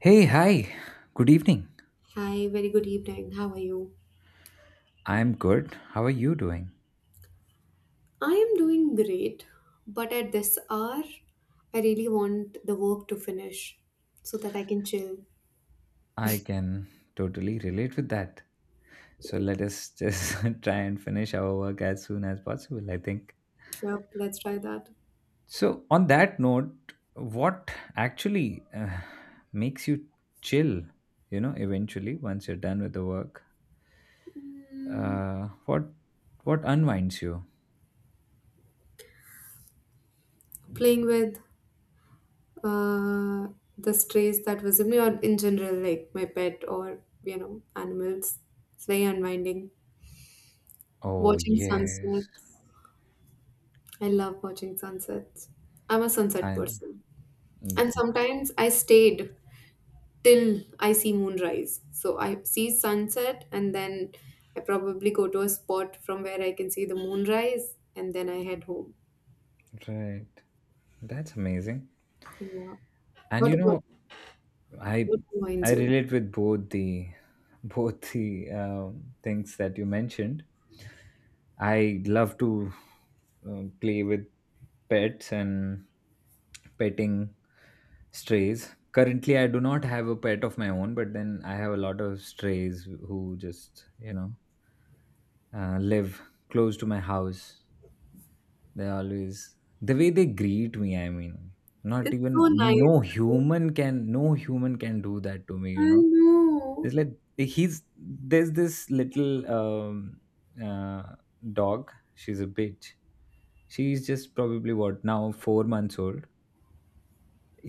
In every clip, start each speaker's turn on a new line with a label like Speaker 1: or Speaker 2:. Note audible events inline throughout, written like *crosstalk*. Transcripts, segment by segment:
Speaker 1: Hey, hi. Good evening.
Speaker 2: Hi, very good evening. How are you?
Speaker 1: I'm good. How are you doing?
Speaker 2: I am doing great, but at this hour, I really want the work to finish so that I can chill.
Speaker 1: I can totally relate with that. So let us just *laughs* try and finish our work as soon as possible, I think.
Speaker 2: Yep, let's try that.
Speaker 1: So, on that note, what actually makes you chill, you know, eventually once you're done with the work?
Speaker 2: Mm,
Speaker 1: Uh, what what unwinds you?
Speaker 2: playing with uh, the strays that visit me, or in general, like my pet or animals. It's very unwinding.
Speaker 1: Oh,
Speaker 2: Watching
Speaker 1: yes.
Speaker 2: sunsets. I love watching sunsets. I'm a sunset
Speaker 1: And
Speaker 2: person. And
Speaker 1: yeah,
Speaker 2: sometimes I stayed till I see moonrise. So I see sunset and then I probably go to a spot from where I can see the moonrise and then I head home.
Speaker 1: right. That's amazing.
Speaker 2: Yeah.
Speaker 1: And
Speaker 2: What
Speaker 1: you
Speaker 2: about
Speaker 1: know, I
Speaker 2: what reminds
Speaker 1: I
Speaker 2: you?
Speaker 1: relate with both the *laughs* both the things that you mentioned. I love to play with pets and petting strays. Currently, I do not have a pet of my own, but then I have a lot of strays who just you know live close to my house. They always the way they greet me, I mean, not
Speaker 2: It's
Speaker 1: even
Speaker 2: so nice.
Speaker 1: no
Speaker 2: Right?
Speaker 1: human can no human can do that to me. You
Speaker 2: I
Speaker 1: know,
Speaker 2: know.
Speaker 1: it's like he's there's this little uh, dog. She's a bitch. She's just probably what now 4 months old.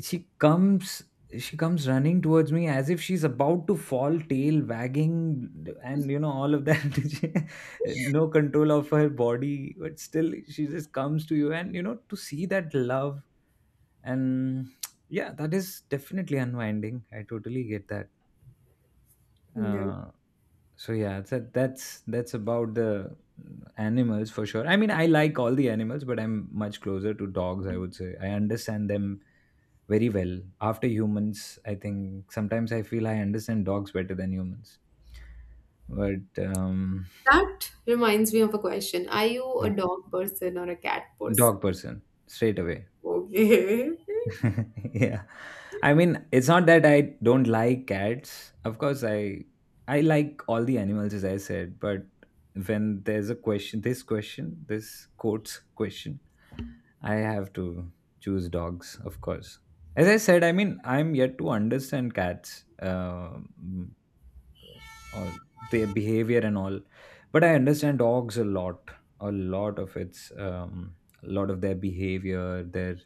Speaker 1: She comes. She comes running towards me as if she's about to fall, tail wagging, and you know, all of that. *laughs* No control of her body, but still she just comes to you, and you know, to see that love and *tsk* yeah, that is definitely unwinding. I totally get that.
Speaker 2: Yeah.
Speaker 1: Uh, so yeah, so that's about the animals for sure. I mean, I like all the animals, but I'm much closer to dogs, I would say. I understand them very well after humans. I think sometimes I feel I understand dogs better than humans, but
Speaker 2: That reminds me of a question. Are you a dog person or a cat person?
Speaker 1: dog person, straight away.
Speaker 2: Okay.
Speaker 1: *laughs* Yeah, I mean, it's not that I don't like cats. Of course, I like all the animals, as I said, but when there's a question, this question, this quotes question, I have to choose dogs, of course. As I said, I mean, I'm yet to understand cats, all their behavior and all, but I understand dogs a lot, a lot of its, um, a lot of their behavior, their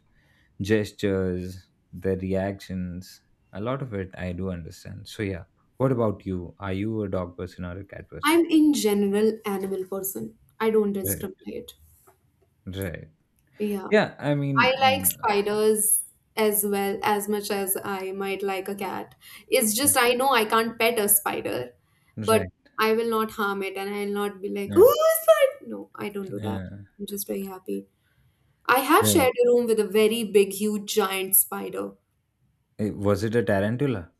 Speaker 1: gestures, their reactions. A lot of it I do understand. So yeah, what about you? Are you a dog person or a cat
Speaker 2: *laughs*
Speaker 1: person?
Speaker 2: I'm in general animal person. I don't
Speaker 1: Right,
Speaker 2: discriminate.
Speaker 1: right.
Speaker 2: Yeah.
Speaker 1: Yeah, I mean,
Speaker 2: I like spiders as well as much as I might like a cat. It's
Speaker 1: right,
Speaker 2: just I know I can't pet a spider, but
Speaker 1: right,
Speaker 2: I will not harm it and I'll not be like,
Speaker 1: yeah,
Speaker 2: oh, spider. No, I don't do that.
Speaker 1: yeah,
Speaker 2: I'm just very happy. I have
Speaker 1: right.
Speaker 2: shared a room with a very big, huge, giant spider.
Speaker 1: Was it a tarantula?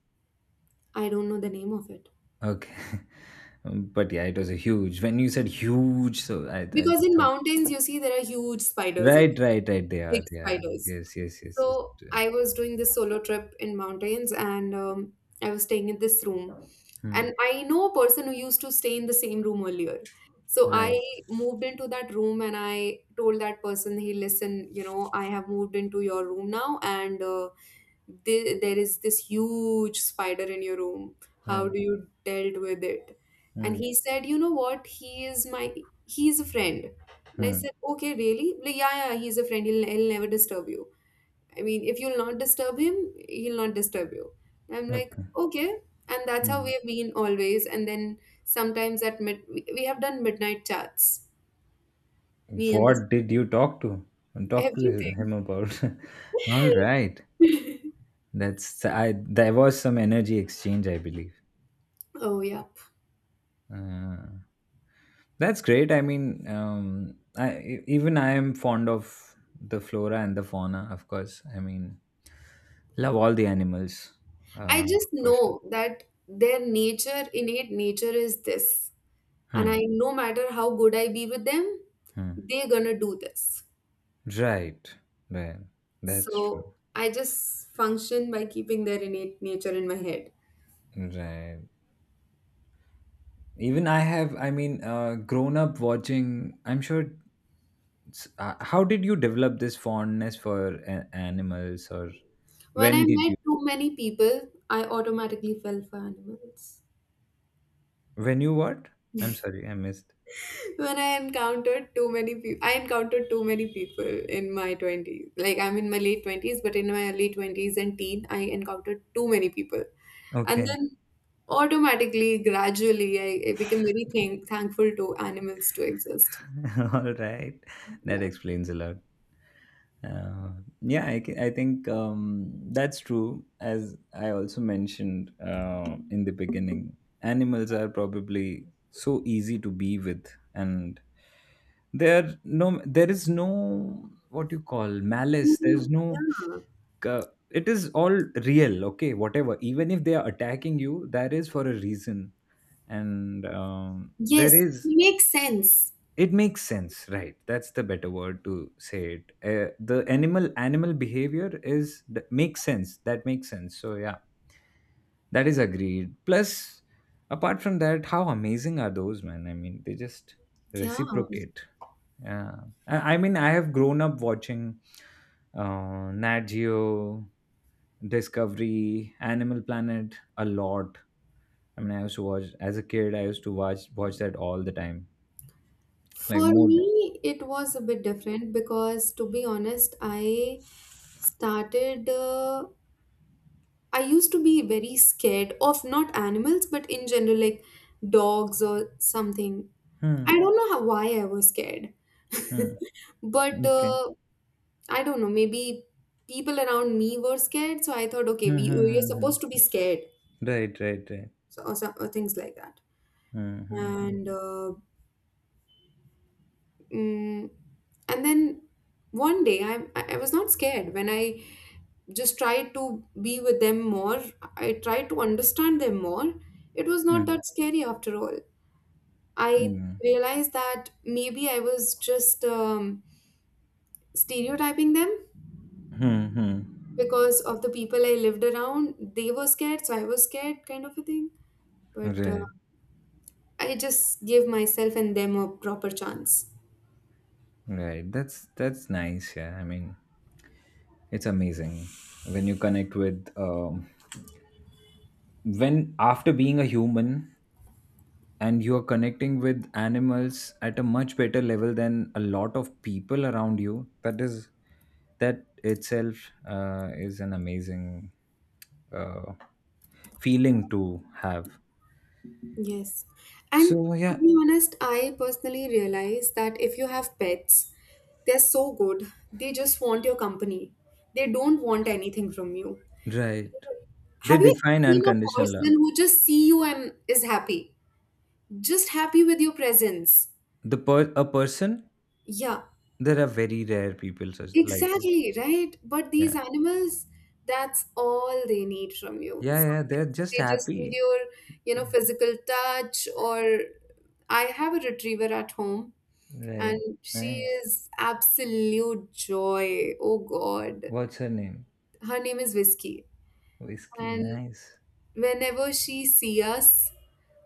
Speaker 2: I don't know the name of it.
Speaker 1: Okay, *laughs* but yeah, it was a huge. When you said huge, so I
Speaker 2: Because
Speaker 1: just
Speaker 2: in
Speaker 1: thought
Speaker 2: mountains, you see, there are huge spiders, okay?
Speaker 1: right, right, right. They
Speaker 2: Big
Speaker 1: are, they are.
Speaker 2: spiders.
Speaker 1: Yes, yes, yes, yes.
Speaker 2: So
Speaker 1: Yeah.
Speaker 2: I was doing this solo trip in mountains, and I was staying in this room.
Speaker 1: Hmm.
Speaker 2: And I know a person who used to stay in the same room earlier. So
Speaker 1: Right,
Speaker 2: I moved into that room, and I told that person, "Hey, listen, you know, I have moved into your room now, and there is this huge spider in your room. How
Speaker 1: right.
Speaker 2: do you dealt with it?" And
Speaker 1: Hmm.
Speaker 2: he said, "You know what? He is a friend." And I
Speaker 1: Hmm.
Speaker 2: said, "Okay, really? Like, yeah, yeah, he's a friend. He'll never disturb you." I mean, if you'll not disturb him, he'll not disturb you. I'm like,
Speaker 1: Okay.
Speaker 2: okay. And that's how
Speaker 1: Hmm.
Speaker 2: we have been always. And then sometimes at mid, we have done midnight chats, me and this,
Speaker 1: What did you talk to
Speaker 2: everything.
Speaker 1: him about? *laughs* All right.
Speaker 2: *laughs*
Speaker 1: That's I. There was some energy exchange, I believe.
Speaker 2: Oh, yeah.
Speaker 1: Uh, That's great. I mean, I even I am fond of the flora and the fauna. Of course, I mean, love all the animals,
Speaker 2: I
Speaker 1: uh,
Speaker 2: just
Speaker 1: for sure.
Speaker 2: know that their nature, innate nature is this. And I,
Speaker 1: Hmm,
Speaker 2: no matter how good I be with them,
Speaker 1: hmm.
Speaker 2: they're gonna do this.
Speaker 1: Right, right. That's true.
Speaker 2: So I just function by keeping their innate nature in my head.
Speaker 1: Right. Even I have. I mean, grown up watching. I'm sure. How did you develop this fondness for animals, or
Speaker 2: When I
Speaker 1: when did
Speaker 2: met
Speaker 1: you?
Speaker 2: too many people, I automatically fell for animals.
Speaker 1: When you what? I'm sorry, I missed.
Speaker 2: When I encountered too many people, I encountered too many people in my 20s. Like, I'm in my late 20s, but in my early 20s and teen, I encountered too many people. And
Speaker 1: Okay.
Speaker 2: then automatically, gradually, I became very thankful to animals to exist.
Speaker 1: *laughs* All right. That
Speaker 2: Yeah.
Speaker 1: explains a lot. Uh, yeah, I think that's true. As I also mentioned in the beginning, animals are probably so easy to be with, and there is no what you call malice. There's
Speaker 2: Mhm.
Speaker 1: no
Speaker 2: Yeah.
Speaker 1: It is all real. Okay, whatever. Even if they are attacking you, that is for a reason, and there
Speaker 2: Yes,
Speaker 1: is
Speaker 2: it makes sense.
Speaker 1: it makes sense, right? That's the better word to say it. The animal behavior, is that makes sense, that makes sense. So yeah, that is agreed. Plus, apart from that, how amazing are those, man? I mean, they just
Speaker 2: Yeah.
Speaker 1: reciprocate. Yeah, I mean, I have grown up watching Nat Geo, Discovery, Animal Planet a lot. I mean, I used to watch as a kid. I used to watch that all the time, like
Speaker 2: For
Speaker 1: more than,
Speaker 2: me, it was a bit different because, to be honest, I started. I used to be very scared of not animals, but in general, like dogs or something.
Speaker 1: hmm,
Speaker 2: I don't know how, why I was scared.
Speaker 1: hmm.
Speaker 2: *laughs* But
Speaker 1: Okay.
Speaker 2: uh, I don't know, maybe people around me were scared. So I thought, okay,
Speaker 1: Hmm,
Speaker 2: we,
Speaker 1: hmm,
Speaker 2: we're
Speaker 1: hmm,
Speaker 2: supposed to
Speaker 1: hmm.
Speaker 2: be scared,
Speaker 1: Right, right, right.
Speaker 2: or things like that.
Speaker 1: Hmm, hmm, hmm.
Speaker 2: And, uh, mm, and then one day I was not scared when I just try to be with them more. I tried to understand them more. It was not
Speaker 1: Hmm,
Speaker 2: that scary after all. I
Speaker 1: hmm.
Speaker 2: realized that maybe I was just stereotyping them
Speaker 1: Hmm, hmm.
Speaker 2: because of the people I lived around. They were scared, so I was scared, kind of a thing. But
Speaker 1: Right,
Speaker 2: I just gave myself and them a proper chance.
Speaker 1: right. That's nice. Yeah, I mean, it's amazing when you connect with when after being a human and you are connecting with animals at a much better level than a lot of people around you. That is, that itself is an amazing uh, feeling to have.
Speaker 2: Yes. And
Speaker 1: So
Speaker 2: to
Speaker 1: yeah,
Speaker 2: be honest, I personally realize that if you have pets, they're so good. They just want your company. They don't want anything from you.
Speaker 1: right. They
Speaker 2: Have you ever
Speaker 1: define
Speaker 2: seen a
Speaker 1: unconditional love.
Speaker 2: person who just see you and is happy? Just happy with your presence.
Speaker 1: The a person,
Speaker 2: Yeah,
Speaker 1: there are very rare people such like this.
Speaker 2: exactly, right? But these
Speaker 1: Yeah,
Speaker 2: animals, that's all they need from you.
Speaker 1: yeah, yeah. They're
Speaker 2: Sometimes
Speaker 1: just
Speaker 2: they just need
Speaker 1: happy.
Speaker 2: your, physical touch or I have a retriever at home and
Speaker 1: Right.
Speaker 2: she
Speaker 1: Nice.
Speaker 2: is absolute joy. Oh God,
Speaker 1: What's her name?
Speaker 2: her name is Whiskey,
Speaker 1: Whiskey.
Speaker 2: and
Speaker 1: Nice.
Speaker 2: whenever she see us,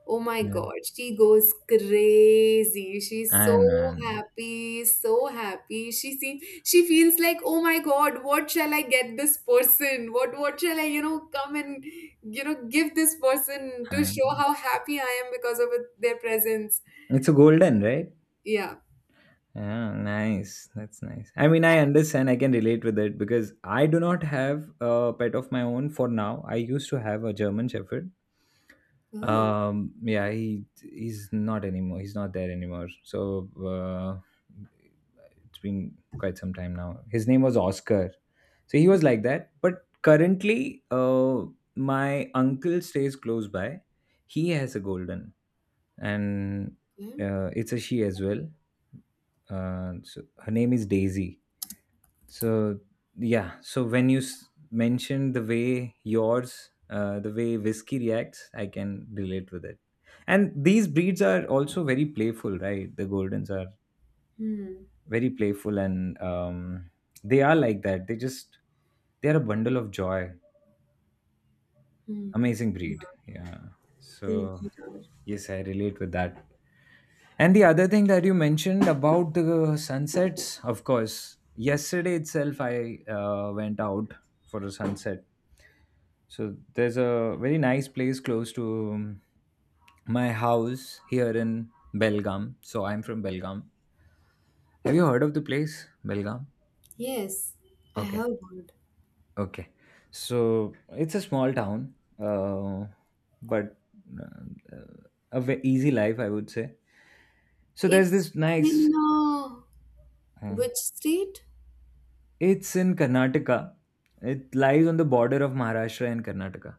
Speaker 2: oh my
Speaker 1: Yeah.
Speaker 2: God, she goes crazy. She's so
Speaker 1: I know. I know.
Speaker 2: happy, so happy. She feels like oh my God, what shall I get this person? What shall I come and give this person to
Speaker 1: I
Speaker 2: show
Speaker 1: know.
Speaker 2: how happy I am because of their presence?
Speaker 1: It's a golden, right?
Speaker 2: Yeah.
Speaker 1: Yeah, nice. That's nice. I mean, I understand. I can relate with it because I do not have a pet of my own for now. I used to have a German Shepherd.
Speaker 2: Oh.
Speaker 1: Yeah, he's not anymore. He's not there anymore, so it's been quite some time now. His name was Oscar. So he was like that. But currently, my uncle stays close by. He has a golden, and
Speaker 2: Yeah.
Speaker 1: it's a she as well. So her name is Daisy. So yeah, so when you mentioned the way yours, the way Whiskey reacts, I can relate with it. And these breeds are also very playful, right? The Goldens are
Speaker 2: Hmm.
Speaker 1: very playful, and they are like that. They are a bundle of joy.
Speaker 2: Hmm.
Speaker 1: Amazing breed. Yeah.
Speaker 2: They
Speaker 1: So
Speaker 2: need our.
Speaker 1: yes, I relate with that. And the other thing that you mentioned about the sunsets, of course, yesterday itself I went out for a sunset. So there's a very nice place close to my house here in Belgaum. So I'm from Belgaum. Have you heard of the place, Belgaum?
Speaker 2: Yes, I
Speaker 1: Okay,
Speaker 2: have heard.
Speaker 1: okay. So it's a small town, but uh, a easy life, I would say. So there's
Speaker 2: It's
Speaker 1: this nice.
Speaker 2: in
Speaker 1: uh,
Speaker 2: which street?
Speaker 1: It's in Karnataka. It lies on the border of Maharashtra and Karnataka.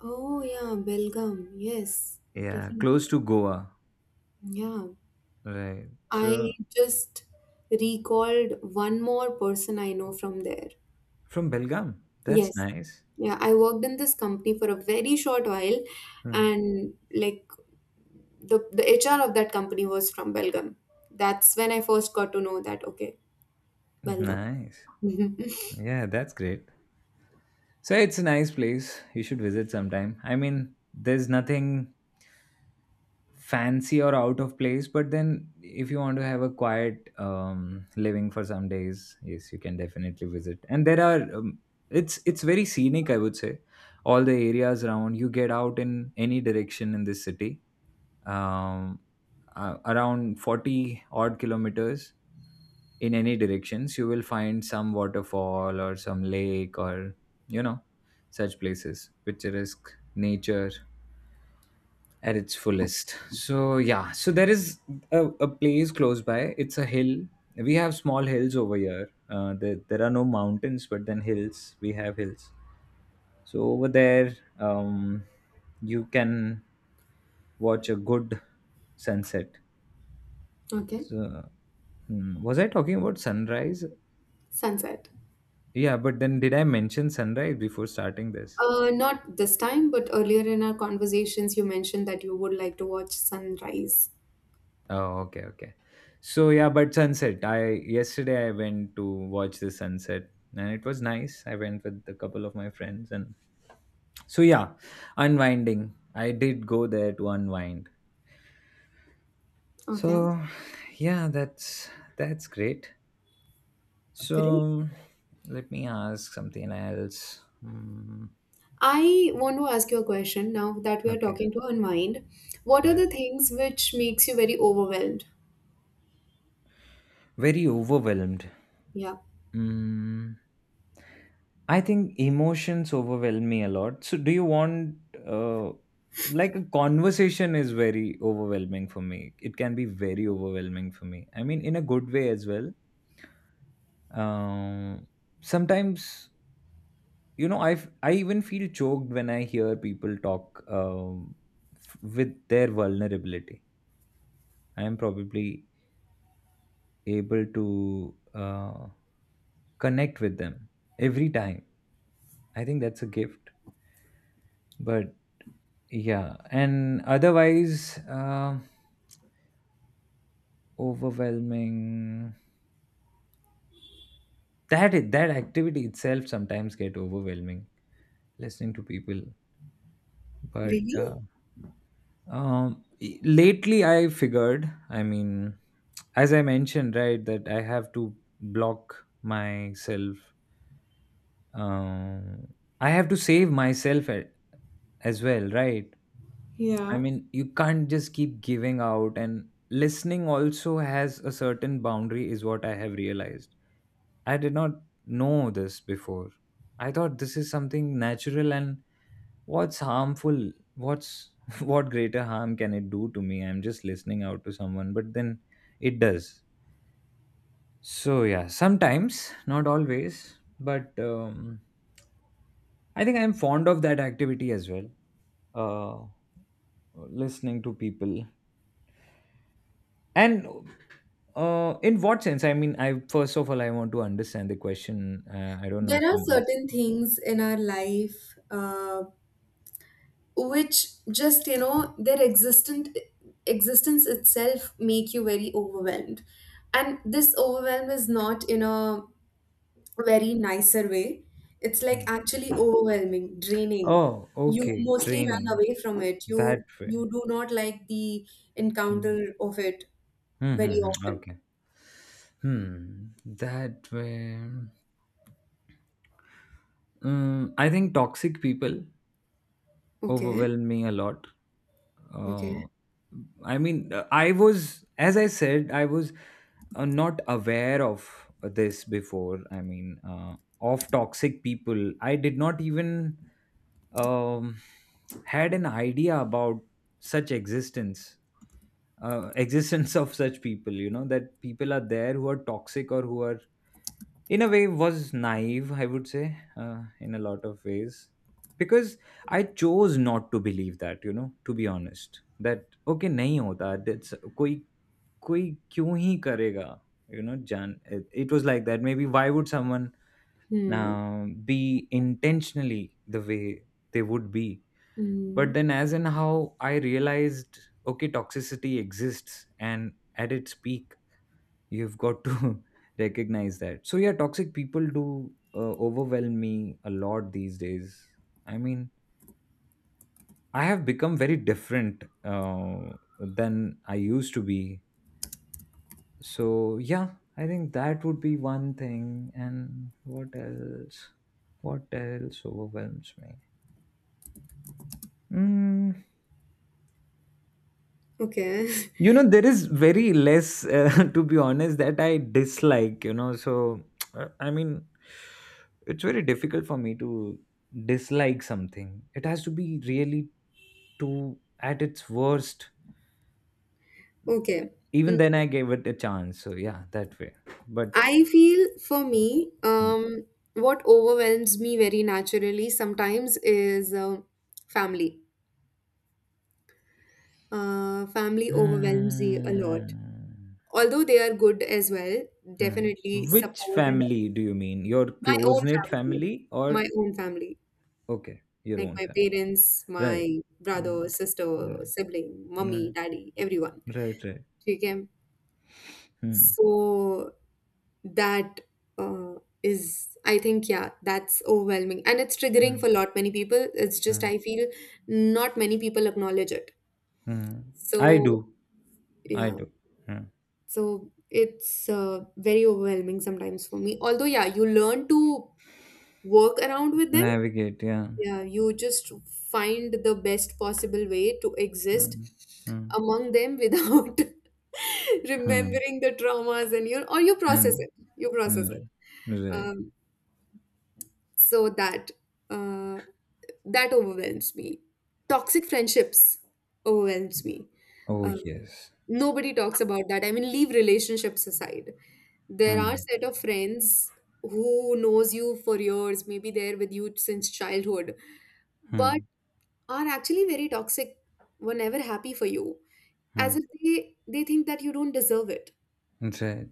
Speaker 2: Oh, yeah, Belgaum. Yes,
Speaker 1: Yeah, close
Speaker 2: definitely.
Speaker 1: to Goa.
Speaker 2: Yeah,
Speaker 1: Right.
Speaker 2: I
Speaker 1: So
Speaker 2: just recalled one more person I know from there.
Speaker 1: from Belgaum. That's
Speaker 2: Yes.
Speaker 1: nice.
Speaker 2: Yeah, I worked in this company for a very short while,
Speaker 1: Hmm.
Speaker 2: and like the HR of that company was from Belgaum. That's when I first got to know that, okay, Belgaum.
Speaker 1: Nice.
Speaker 2: *laughs*
Speaker 1: Yeah, that's great. So it's a nice place. You should visit sometime. I mean, there's nothing fancy or out of place, but then if you want to have a quiet living for some days, yes, you can definitely visit. And there are it's very scenic, I would say. All the areas around, you get out in any direction in this city, um, around 40 odd kilometers in any directions, you will find some waterfall or some lake or, you know, such places, picturesque nature at its fullest. So yeah, so there is a place close by. It's a hill. We have small hills over here. There are no mountains, but then hills. We have hills. So over there, you can watch a good sunset.
Speaker 2: Okay,
Speaker 1: So, was I talking about sunrise?
Speaker 2: sunset.
Speaker 1: Yeah, but then did I mention sunrise before starting this?
Speaker 2: Not this time, but earlier in our conversations, you mentioned that you would like to watch sunrise.
Speaker 1: Oh, okay, okay. So yeah, but sunset. I Yesterday I went to watch the sunset, and it was nice. I went with a couple of my friends, and so yeah, unwinding. I did go there to unwind.
Speaker 2: Okay,
Speaker 1: So yeah, that's great.
Speaker 2: great.
Speaker 1: So let me ask something else.
Speaker 2: I want to ask you a question now that we are
Speaker 1: Okay.
Speaker 2: talking to unwind. What are
Speaker 1: Right.
Speaker 2: the things which makes you very overwhelmed?
Speaker 1: Very overwhelmed.
Speaker 2: Yeah.
Speaker 1: Mm, I think emotions overwhelm me a lot. So, do you want, uh, like, a conversation is very overwhelming for me. It can be very overwhelming for me. I mean, in a good way as well. Um, sometimes, you know, I even feel choked when I hear people talk with their vulnerability. I am probably able to connect with them every time. I think that's a gift. But yeah, and otherwise, overwhelming. That that activity itself sometimes get overwhelming. Listening to people, but
Speaker 2: Really?
Speaker 1: lately I figured. I mean, as I mentioned, right, that I have to block myself. Um, I have to save myself as well, right? I mean, you can't just keep giving out, and listening also has a certain boundary, is what I have realized. I did not know this before. I thought this is something natural, and what's harmful? What's *laughs* what greater harm can it do to me? I'm just listening out to someone, but then it does. So, yeah, sometimes, not always, but I think I'm fond of that activity as well. Uh, listening to people. And in what sense? I mean, I first of all, I want to understand the question. I don't know
Speaker 2: There
Speaker 1: if
Speaker 2: are
Speaker 1: I'm
Speaker 2: certain
Speaker 1: answering.
Speaker 2: things in our life which just their existent existence itself make you very overwhelmed, and this overwhelm is not in a very nicer way. It's like
Speaker 1: Hmm.
Speaker 2: actually overwhelming, draining.
Speaker 1: Oh,
Speaker 2: You
Speaker 1: okay,
Speaker 2: mostly run
Speaker 1: training
Speaker 2: away from it.
Speaker 1: that
Speaker 2: You
Speaker 1: way.
Speaker 2: you do not like the
Speaker 1: Hmm.
Speaker 2: encounter of it
Speaker 1: Hmm,
Speaker 2: very
Speaker 1: hmm, hmm,
Speaker 2: often.
Speaker 1: okay. Hmm. That way. I think toxic people
Speaker 2: Okay.
Speaker 1: overwhelm me a lot. uh,
Speaker 2: Okay.
Speaker 1: I mean, I was, as I said, I was not aware of this before. I mean, of toxic people. I did not even um, had an idea about such existence, *laughs* existence of such people. You know that people are there who are toxic or who are, in a way, was naive, I would say, in a lot of ways, because I chose not to believe that, you know, to be honest, that okay nahi hota, that's koi koi kyun hi karega, you know jan, it was like that. Maybe why would someone
Speaker 2: Hmm.
Speaker 1: uh, be intentionally the way they would be.
Speaker 2: Hmm.
Speaker 1: But then as in how I realized, okay, toxicity exists and at its peak. You've got to *laughs* recognize that. So yeah, toxic people do overwhelm me a lot these days. I mean, I have become very different than I used to be. So yeah, I think that would be one thing. And what else? What else overwhelms me? Mm,
Speaker 2: Okay. *laughs*
Speaker 1: you know there is very less *laughs* to be honest that I dislike, you know, so I mean, it's very difficult for me to dislike something. It has to be really, to at its worst.
Speaker 2: Okay.
Speaker 1: Even
Speaker 2: Mm.
Speaker 1: then I gave it a chance, so yeah, that way. But
Speaker 2: I feel for me, what overwhelms me very naturally sometimes is family. Family overwhelms me a lot.
Speaker 1: Hmm.
Speaker 2: Although they are good as well,
Speaker 1: Hmm.
Speaker 2: definitely
Speaker 1: Which
Speaker 2: support and
Speaker 1: family
Speaker 2: everything.
Speaker 1: do you mean, your
Speaker 2: My own
Speaker 1: close knit
Speaker 2: family,
Speaker 1: family
Speaker 2: my
Speaker 1: or?
Speaker 2: own family,
Speaker 1: Okay, your
Speaker 2: like
Speaker 1: own
Speaker 2: my
Speaker 1: family,
Speaker 2: parents,
Speaker 1: right.
Speaker 2: my brother,
Speaker 1: Hmm.
Speaker 2: sister,
Speaker 1: Hmm.
Speaker 2: sibling, mummy,
Speaker 1: Right,
Speaker 2: daddy, everyone.
Speaker 1: right, right.
Speaker 2: Okay.
Speaker 1: Hmm.
Speaker 2: So that uh, is, I think, yeah, that's overwhelming. And it's triggering
Speaker 1: Mm,
Speaker 2: for a lot many people. It's just,
Speaker 1: mm,
Speaker 2: I feel not many people acknowledge it.
Speaker 1: mm. I
Speaker 2: So,
Speaker 1: do. I
Speaker 2: yeah.
Speaker 1: do. Mm.
Speaker 2: So it's very overwhelming sometimes for me. Although, yeah, you learn to work around with them.
Speaker 1: Navigate, yeah.
Speaker 2: Yeah, you just find the best possible way to exist
Speaker 1: Mm, mm,
Speaker 2: among them without *laughs*
Speaker 1: mm.
Speaker 2: remembering the traumas and you or you process
Speaker 1: And
Speaker 2: it you process
Speaker 1: yeah.
Speaker 2: it
Speaker 1: Right.
Speaker 2: um, so that uh, that overwhelms me. Toxic friendships overwhelms me
Speaker 1: Oh
Speaker 2: uh,
Speaker 1: yes.
Speaker 2: nobody talks about that. I mean, leave relationships aside, there are
Speaker 1: Mm,
Speaker 2: set of friends who knows you for years, maybe they're with you since childhood, but
Speaker 1: mm,
Speaker 2: are actually very toxic, were never happy for you, as
Speaker 1: mm.
Speaker 2: if they think that you don't deserve it,
Speaker 1: Right.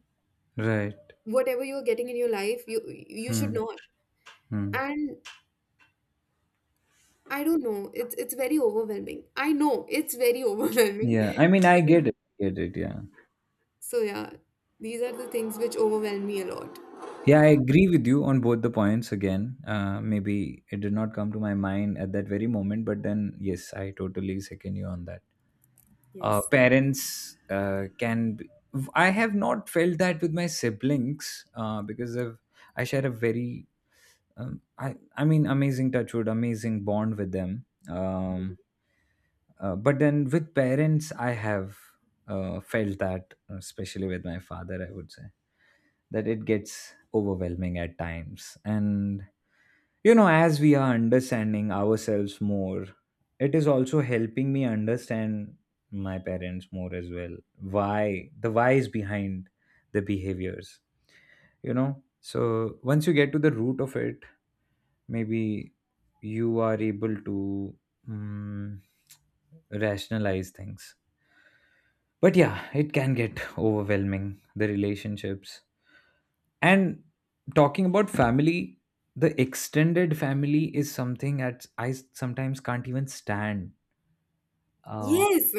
Speaker 1: Right.
Speaker 2: whatever you're getting in your life, you should
Speaker 1: Mm,
Speaker 2: not.
Speaker 1: mm.
Speaker 2: And I don't know, it's very overwhelming. I know, it's very *laughs* overwhelming.
Speaker 1: Yeah. I mean, I get
Speaker 2: And
Speaker 1: it. Get it. Yeah.
Speaker 2: so yeah, these are the things which overwhelm me a lot.
Speaker 1: Yeah, I agree with you on both the points. Again, maybe it did not come to my mind at that very moment, but then yes, I totally second you on that.
Speaker 2: Yes,
Speaker 1: Parents can be, I have not felt that with my siblings because of, I share a very I mean amazing, touchwood, amazing bond with them. But then with parents I have felt that, especially with my father I would say, that it gets overwhelming at times. And, you know, as we are understanding ourselves more, it is also helping me understand my parents more as well, why, the whys behind the behaviors. You know, so once you get to the root of it, maybe you are able to, mm, rationalize things. But yeah, it can get *laughs* overwhelming, the relationships. And talking about family, the extended family is something that I sometimes can't even stand. Uh,
Speaker 2: yes,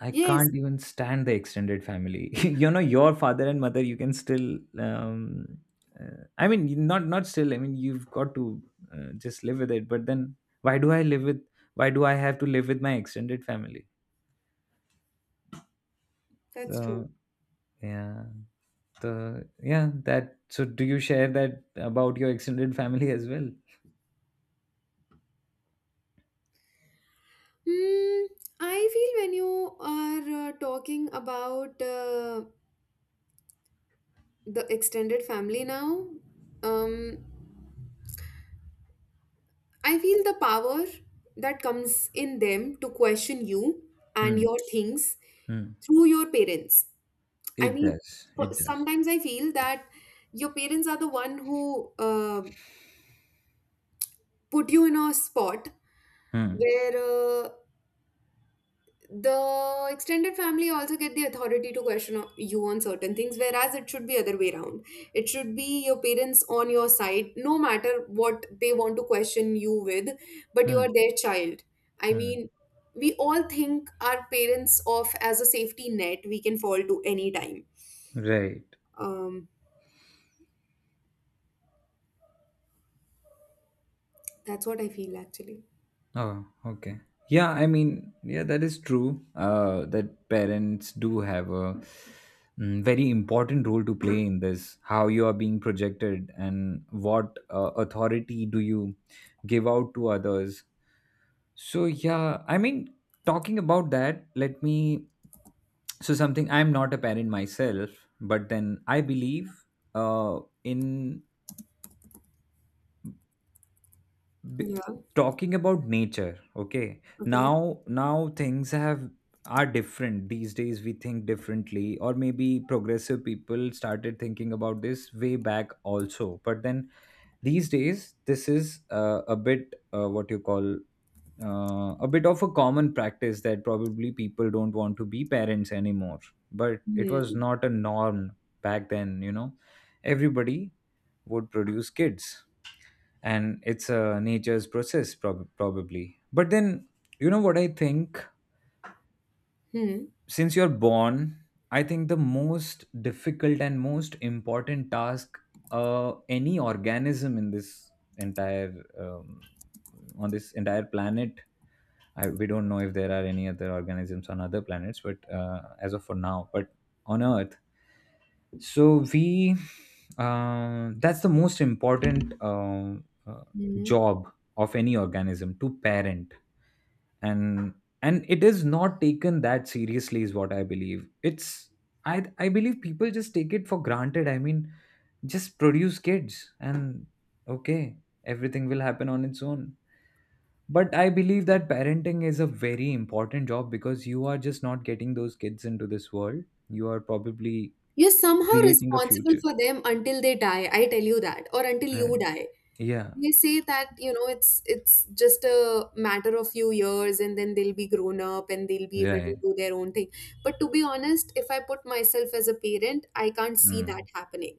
Speaker 1: I
Speaker 2: yes,
Speaker 1: can't even stand the extended family. *laughs* You know, your father and mother, you can still. I mean, not still. I mean, you've got to just live with it. But then, why do I live with? Why do I have to live with my extended family?
Speaker 2: that's true.
Speaker 1: So yeah, so yeah, that. So do you share that about your extended family as well?
Speaker 2: Hmm, I feel when you are talking about the extended family now, um, I feel the power that comes in them to question you and
Speaker 1: Hmm.
Speaker 2: your things
Speaker 1: Hmm.
Speaker 2: through your parents. I
Speaker 1: It
Speaker 2: mean,
Speaker 1: does. It does.
Speaker 2: sometimes I feel that your parents are the one who put you in a spot
Speaker 1: Hmm.
Speaker 2: where the extended family also get the authority to question you on certain things, whereas it should be other way around. It should be your parents on your side no matter what they want to question you with, but you are
Speaker 1: Hmm.
Speaker 2: their child. I
Speaker 1: Hmm.
Speaker 2: mean, we all think our parents off as a safety net we can fall to any time
Speaker 1: Right.
Speaker 2: um that's what I feel actually.
Speaker 1: Oh, okay. Yeah, I mean, yeah, that is true. That parents do have a very important role to play in this. How you are being projected and what authority do you give out to others. So yeah, I mean, talking about that, let me. So something, I'm not a parent myself, but then I believe in b-
Speaker 2: Yeah.
Speaker 1: talking about nature, okay.
Speaker 2: Okay.
Speaker 1: Now, now things have, are different these days. We think differently, or maybe progressive people started thinking about this way back also. But then these days this is a bit what you call, a bit of a common practice that probably people don't want to be parents anymore. But it was
Speaker 2: Hmm.
Speaker 1: not a norm back then, you know. Everybody would produce kids, and it's a nature's process, probably. But then, you know what I think,
Speaker 2: Hmm.
Speaker 1: since you're born, I think the most difficult and most important task, any organism in this entire, on this entire planet, I, we don't know if there are any other organisms on other planets, but as of for now, but on earth. So we, that's the most important uh,
Speaker 2: Hmm.
Speaker 1: job of any organism, to parent. And and it is not taken that seriously, is what I believe. It's, I believe people just take it for granted. I mean, just produce kids, and okay, everything will happen on its own. But I believe that parenting is a very important job, because you are just not getting those kids into this world. You are probably
Speaker 2: You're somehow
Speaker 1: creating a
Speaker 2: responsible
Speaker 1: future.
Speaker 2: for them until they die. I tell you that, or until you
Speaker 1: Right.
Speaker 2: die.
Speaker 1: Yeah,
Speaker 2: They say that, it's just a matter of few years, and then they'll be grown up and they'll be able to
Speaker 1: right.
Speaker 2: do their own thing. But to be honest, if I put myself as a parent, I can't see
Speaker 1: Mm,
Speaker 2: that happening.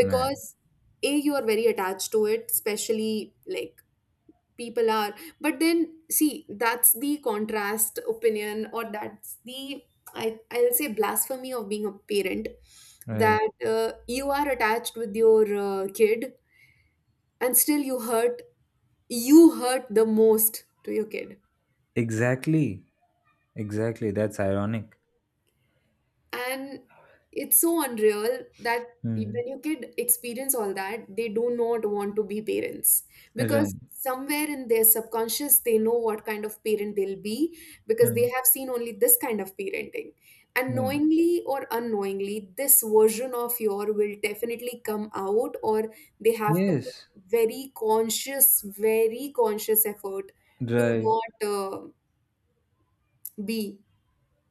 Speaker 1: right,
Speaker 2: Because a you are very attached to it, especially like people are. But then see, that's the contrast opinion, or that's the I I'll say blasphemy of being a parent.
Speaker 1: right.
Speaker 2: That you are attached with your kid, and still you hurt the most to your kid.
Speaker 1: Exactly, exactly. That's ironic.
Speaker 2: And it's so unreal that
Speaker 1: Mm,
Speaker 2: when your kid experience all that, they do not want to be parents, because
Speaker 1: right,
Speaker 2: somewhere in their subconscious they know what kind of parent they'll be, because
Speaker 1: right,
Speaker 2: they have seen only this kind of parenting, and
Speaker 1: right.
Speaker 2: knowingly or unknowingly this version of your will definitely come out, or they have to put
Speaker 1: Yes,
Speaker 2: very conscious, very conscious effort to
Speaker 1: right.
Speaker 2: not be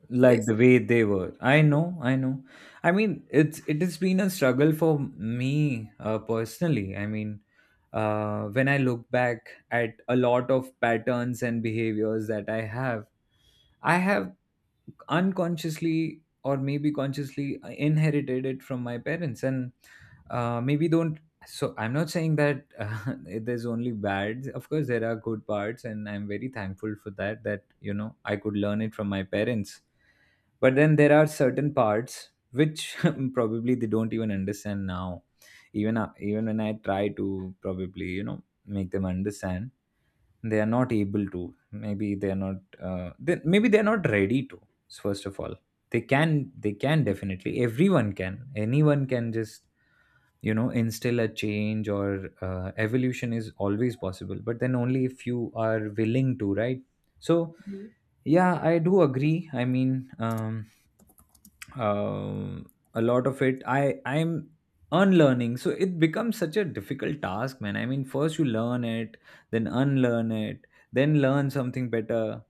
Speaker 1: Like
Speaker 2: this.
Speaker 1: the way they were. I know, I know. I mean, it has been a struggle for me personally. I mean, when I look back at a lot of patterns and behaviors that I have unconsciously or maybe consciously I inherited it from my parents, and maybe don't, so I'm not saying that *laughs* there's only bad. Of course there are good parts, and I'm very thankful for that, that you know, I could learn it from my parents. But then there are certain parts which *laughs* probably they don't even understand now, even when I try to probably, you know, make them understand, they are not able to. Maybe they are not, they, maybe they are not ready to. So first of all, they can, they can definitely, everyone can, anyone can just, you know, instill a change, or evolution is always possible, but then only if you are willing to, right? So
Speaker 2: Mhm.
Speaker 1: yeah, I do agree. I mean, um a lot of it, I'm unlearning, so it becomes such a difficult task, man. I mean, first you learn it, then unlearn it, then learn something better.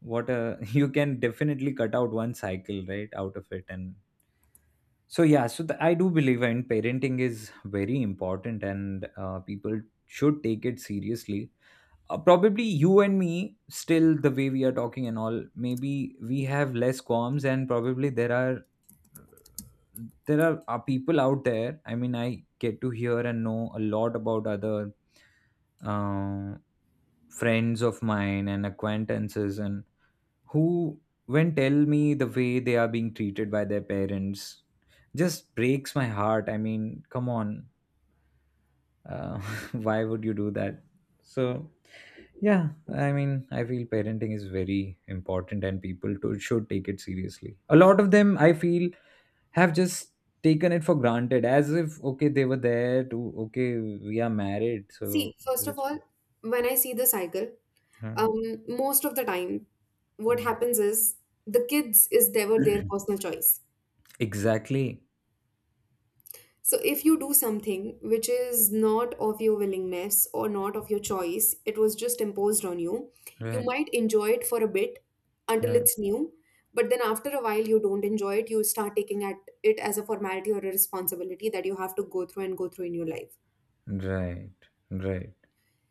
Speaker 1: What a *laughs* you can definitely cut out one cycle right out of it. And so yeah, so the, I do believe in, parenting is very important, and people should take it seriously. Probably you and me, still the way we are talking and all, maybe we have less qualms, and probably there are, people out there. I mean, I get to hear and know a lot about other uh, friends of mine and acquaintances, and who, when tell me the way they are being treated by their parents, just breaks my heart. I mean, come on, uh, *laughs* why would you do that? So yeah, I mean, I feel parenting is very important, and people to, should take it seriously. A lot of them I feel have just taken it for granted, as if, okay, they were there to, okay, we are married, so
Speaker 2: See, first of
Speaker 1: let's
Speaker 2: all, when I see the cycle,
Speaker 1: Hmm,
Speaker 2: um, most of the time, what
Speaker 1: hmm.
Speaker 2: happens is the kids is never their
Speaker 1: *clears throat*
Speaker 2: personal choice.
Speaker 1: Exactly.
Speaker 2: So if you do something which is not of your willingness or not of your choice, it was just imposed on you, you
Speaker 1: Right.
Speaker 2: might enjoy it for a bit until
Speaker 1: Right.
Speaker 2: it's new, but then after a while you don't enjoy it, you start taking at it as a formality or a responsibility that you have to go through and go through in your life.
Speaker 1: Right. Right.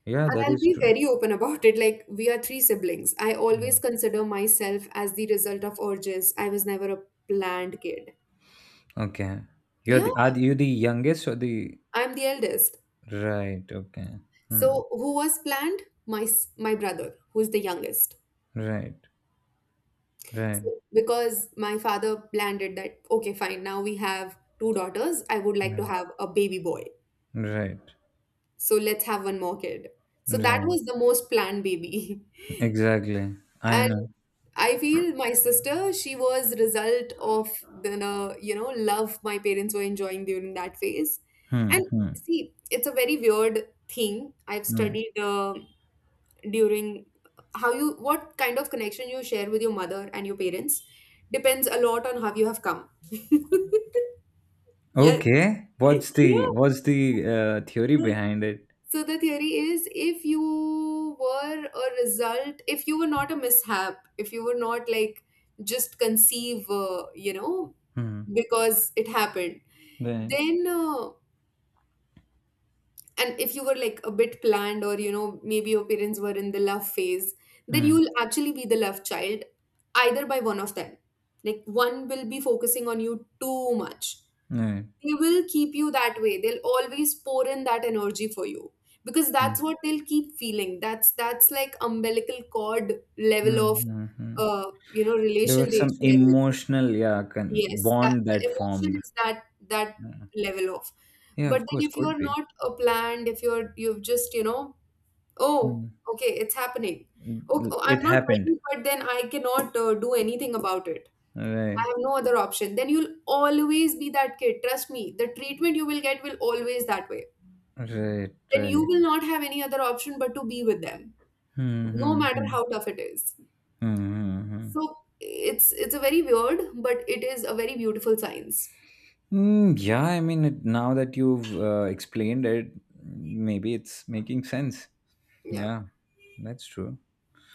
Speaker 1: Yeah,
Speaker 2: And
Speaker 1: that
Speaker 2: I'll
Speaker 1: is
Speaker 2: be
Speaker 1: true.
Speaker 2: very open about it. Like, we are three siblings. I
Speaker 1: Yeah.
Speaker 2: always consider myself as the result of urges. I was never a planned kid.
Speaker 1: Okay, you're
Speaker 2: Yeah,
Speaker 1: the are you the youngest, or the?
Speaker 2: I'm the eldest.
Speaker 1: Right, okay. Hmm.
Speaker 2: So, who was planned? My brother, who's the youngest.
Speaker 1: Right. Right.
Speaker 2: So, because my father planned it that, okay, fine, now we have two daughters. I would like to
Speaker 1: Right.
Speaker 2: have a baby boy.
Speaker 1: Right.
Speaker 2: So, let's have one more kid. So, that
Speaker 1: Right.
Speaker 2: was the most planned baby. *laughs*
Speaker 1: Exactly. I
Speaker 2: And
Speaker 1: know.
Speaker 2: I feel my sister, she was result of the, you know, love my parents were enjoying during that phase.
Speaker 1: Hmm,
Speaker 2: And
Speaker 1: hmm,
Speaker 2: see, it's a very weird thing. I've
Speaker 1: hmm.
Speaker 2: studied during how you, what kind of connection you share with your mother and your parents depends a lot on how you have come. *laughs* Yes.
Speaker 1: Okay, what's the what's the theory
Speaker 2: Yeah.
Speaker 1: behind it?
Speaker 2: So the theory is if you were a result, if you were not a mishap, if you were not like just conceive,
Speaker 1: Hmm.
Speaker 2: because it happened,
Speaker 1: Right.
Speaker 2: then, uh, and if you were like a bit planned or, you know, maybe your parents were in the love phase, then
Speaker 1: Mm,
Speaker 2: you'll actually be the love child either by one of them. Like, one will be focusing on you too much,
Speaker 1: right.
Speaker 2: they will keep you that way, they'll always pour in that energy for you, because that's
Speaker 1: Mm,
Speaker 2: what they'll keep feeling. That's like umbilical cord
Speaker 1: mm,
Speaker 2: level of
Speaker 1: mm, mm.
Speaker 2: you know
Speaker 1: There
Speaker 2: relation
Speaker 1: was
Speaker 2: they
Speaker 1: some
Speaker 2: share with you.
Speaker 1: emotional, yeah,
Speaker 2: Yes, that
Speaker 1: bond
Speaker 2: the
Speaker 1: that
Speaker 2: emotion
Speaker 1: formed.
Speaker 2: is that
Speaker 1: Yeah.
Speaker 2: level of.
Speaker 1: Yeah,
Speaker 2: But
Speaker 1: of
Speaker 2: then
Speaker 1: course,
Speaker 2: if
Speaker 1: could
Speaker 2: you're
Speaker 1: be.
Speaker 2: not a planned, if you've just, you know, oh,
Speaker 1: Mm.
Speaker 2: okay, it's happening, okay, I'm
Speaker 1: It
Speaker 2: not
Speaker 1: happened.
Speaker 2: ready, but then I cannot do anything about it.
Speaker 1: Right,
Speaker 2: I have no other option. Then you'll always be that kid. Trust me, the treatment you will get will always that way.
Speaker 1: right,
Speaker 2: Then you
Speaker 1: right.
Speaker 2: will not have any other option but to be with them,
Speaker 1: Hmm.
Speaker 2: no
Speaker 1: Hmm.
Speaker 2: matter
Speaker 1: Hmm.
Speaker 2: how tough it is.
Speaker 1: Hmm. Hmm, hmm.
Speaker 2: So it's a very weird, but it is a very beautiful science.
Speaker 1: Mm, yeah, I mean, it, now that you've explained it, maybe it's making sense.
Speaker 2: Yeah,
Speaker 1: Yeah, that's true.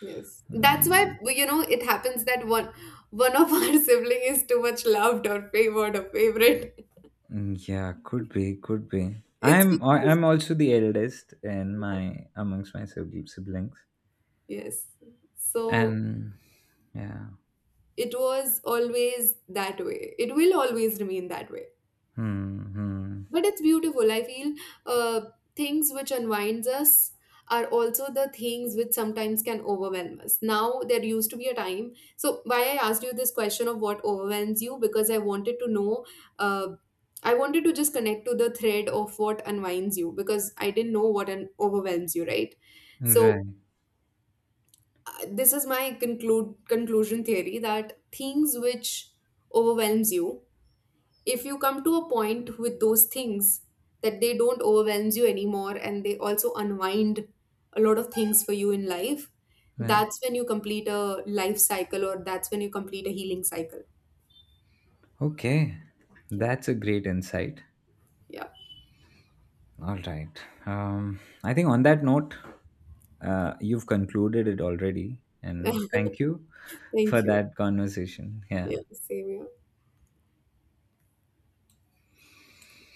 Speaker 2: yes. That's why,
Speaker 1: Mm,
Speaker 2: you know, it happens that one of our *laughs* sibling is too much loved or favored or favorite.
Speaker 1: mm, yeah, could be, could be.
Speaker 2: It's
Speaker 1: I'm I-
Speaker 2: because
Speaker 1: I'm also the eldest in my amongst my siblings,
Speaker 2: yes. So
Speaker 1: and yeah,
Speaker 2: it was always that way. It will always remain that way.
Speaker 1: hmm, hmm.
Speaker 2: But it's beautiful, I feel, uh, things which unwinds us are also the things which sometimes can overwhelm us. Now there used to be a time, so why I asked you this question of what overwhelms you, because I wanted to know, uh, I wanted to just connect to the thread of what unwinds you, because I didn't know what overwhelms you, right? So
Speaker 1: Right,
Speaker 2: this is my conclude conclusion theory, that things which overwhelms you, if you come to a point with those things that they don't overwhelm you anymore, and they also unwind a lot of things for you in life,
Speaker 1: right,
Speaker 2: that's when you complete a life cycle, or that's when you complete a healing cycle.
Speaker 1: okay, that's a great insight.
Speaker 2: Yeah.
Speaker 1: All right, I think on that note, you've concluded it already,
Speaker 2: Yeah.
Speaker 1: and
Speaker 2: *laughs*
Speaker 1: thank you for
Speaker 2: Thank you.
Speaker 1: that conversation. Yeah.
Speaker 2: Yeah, same here.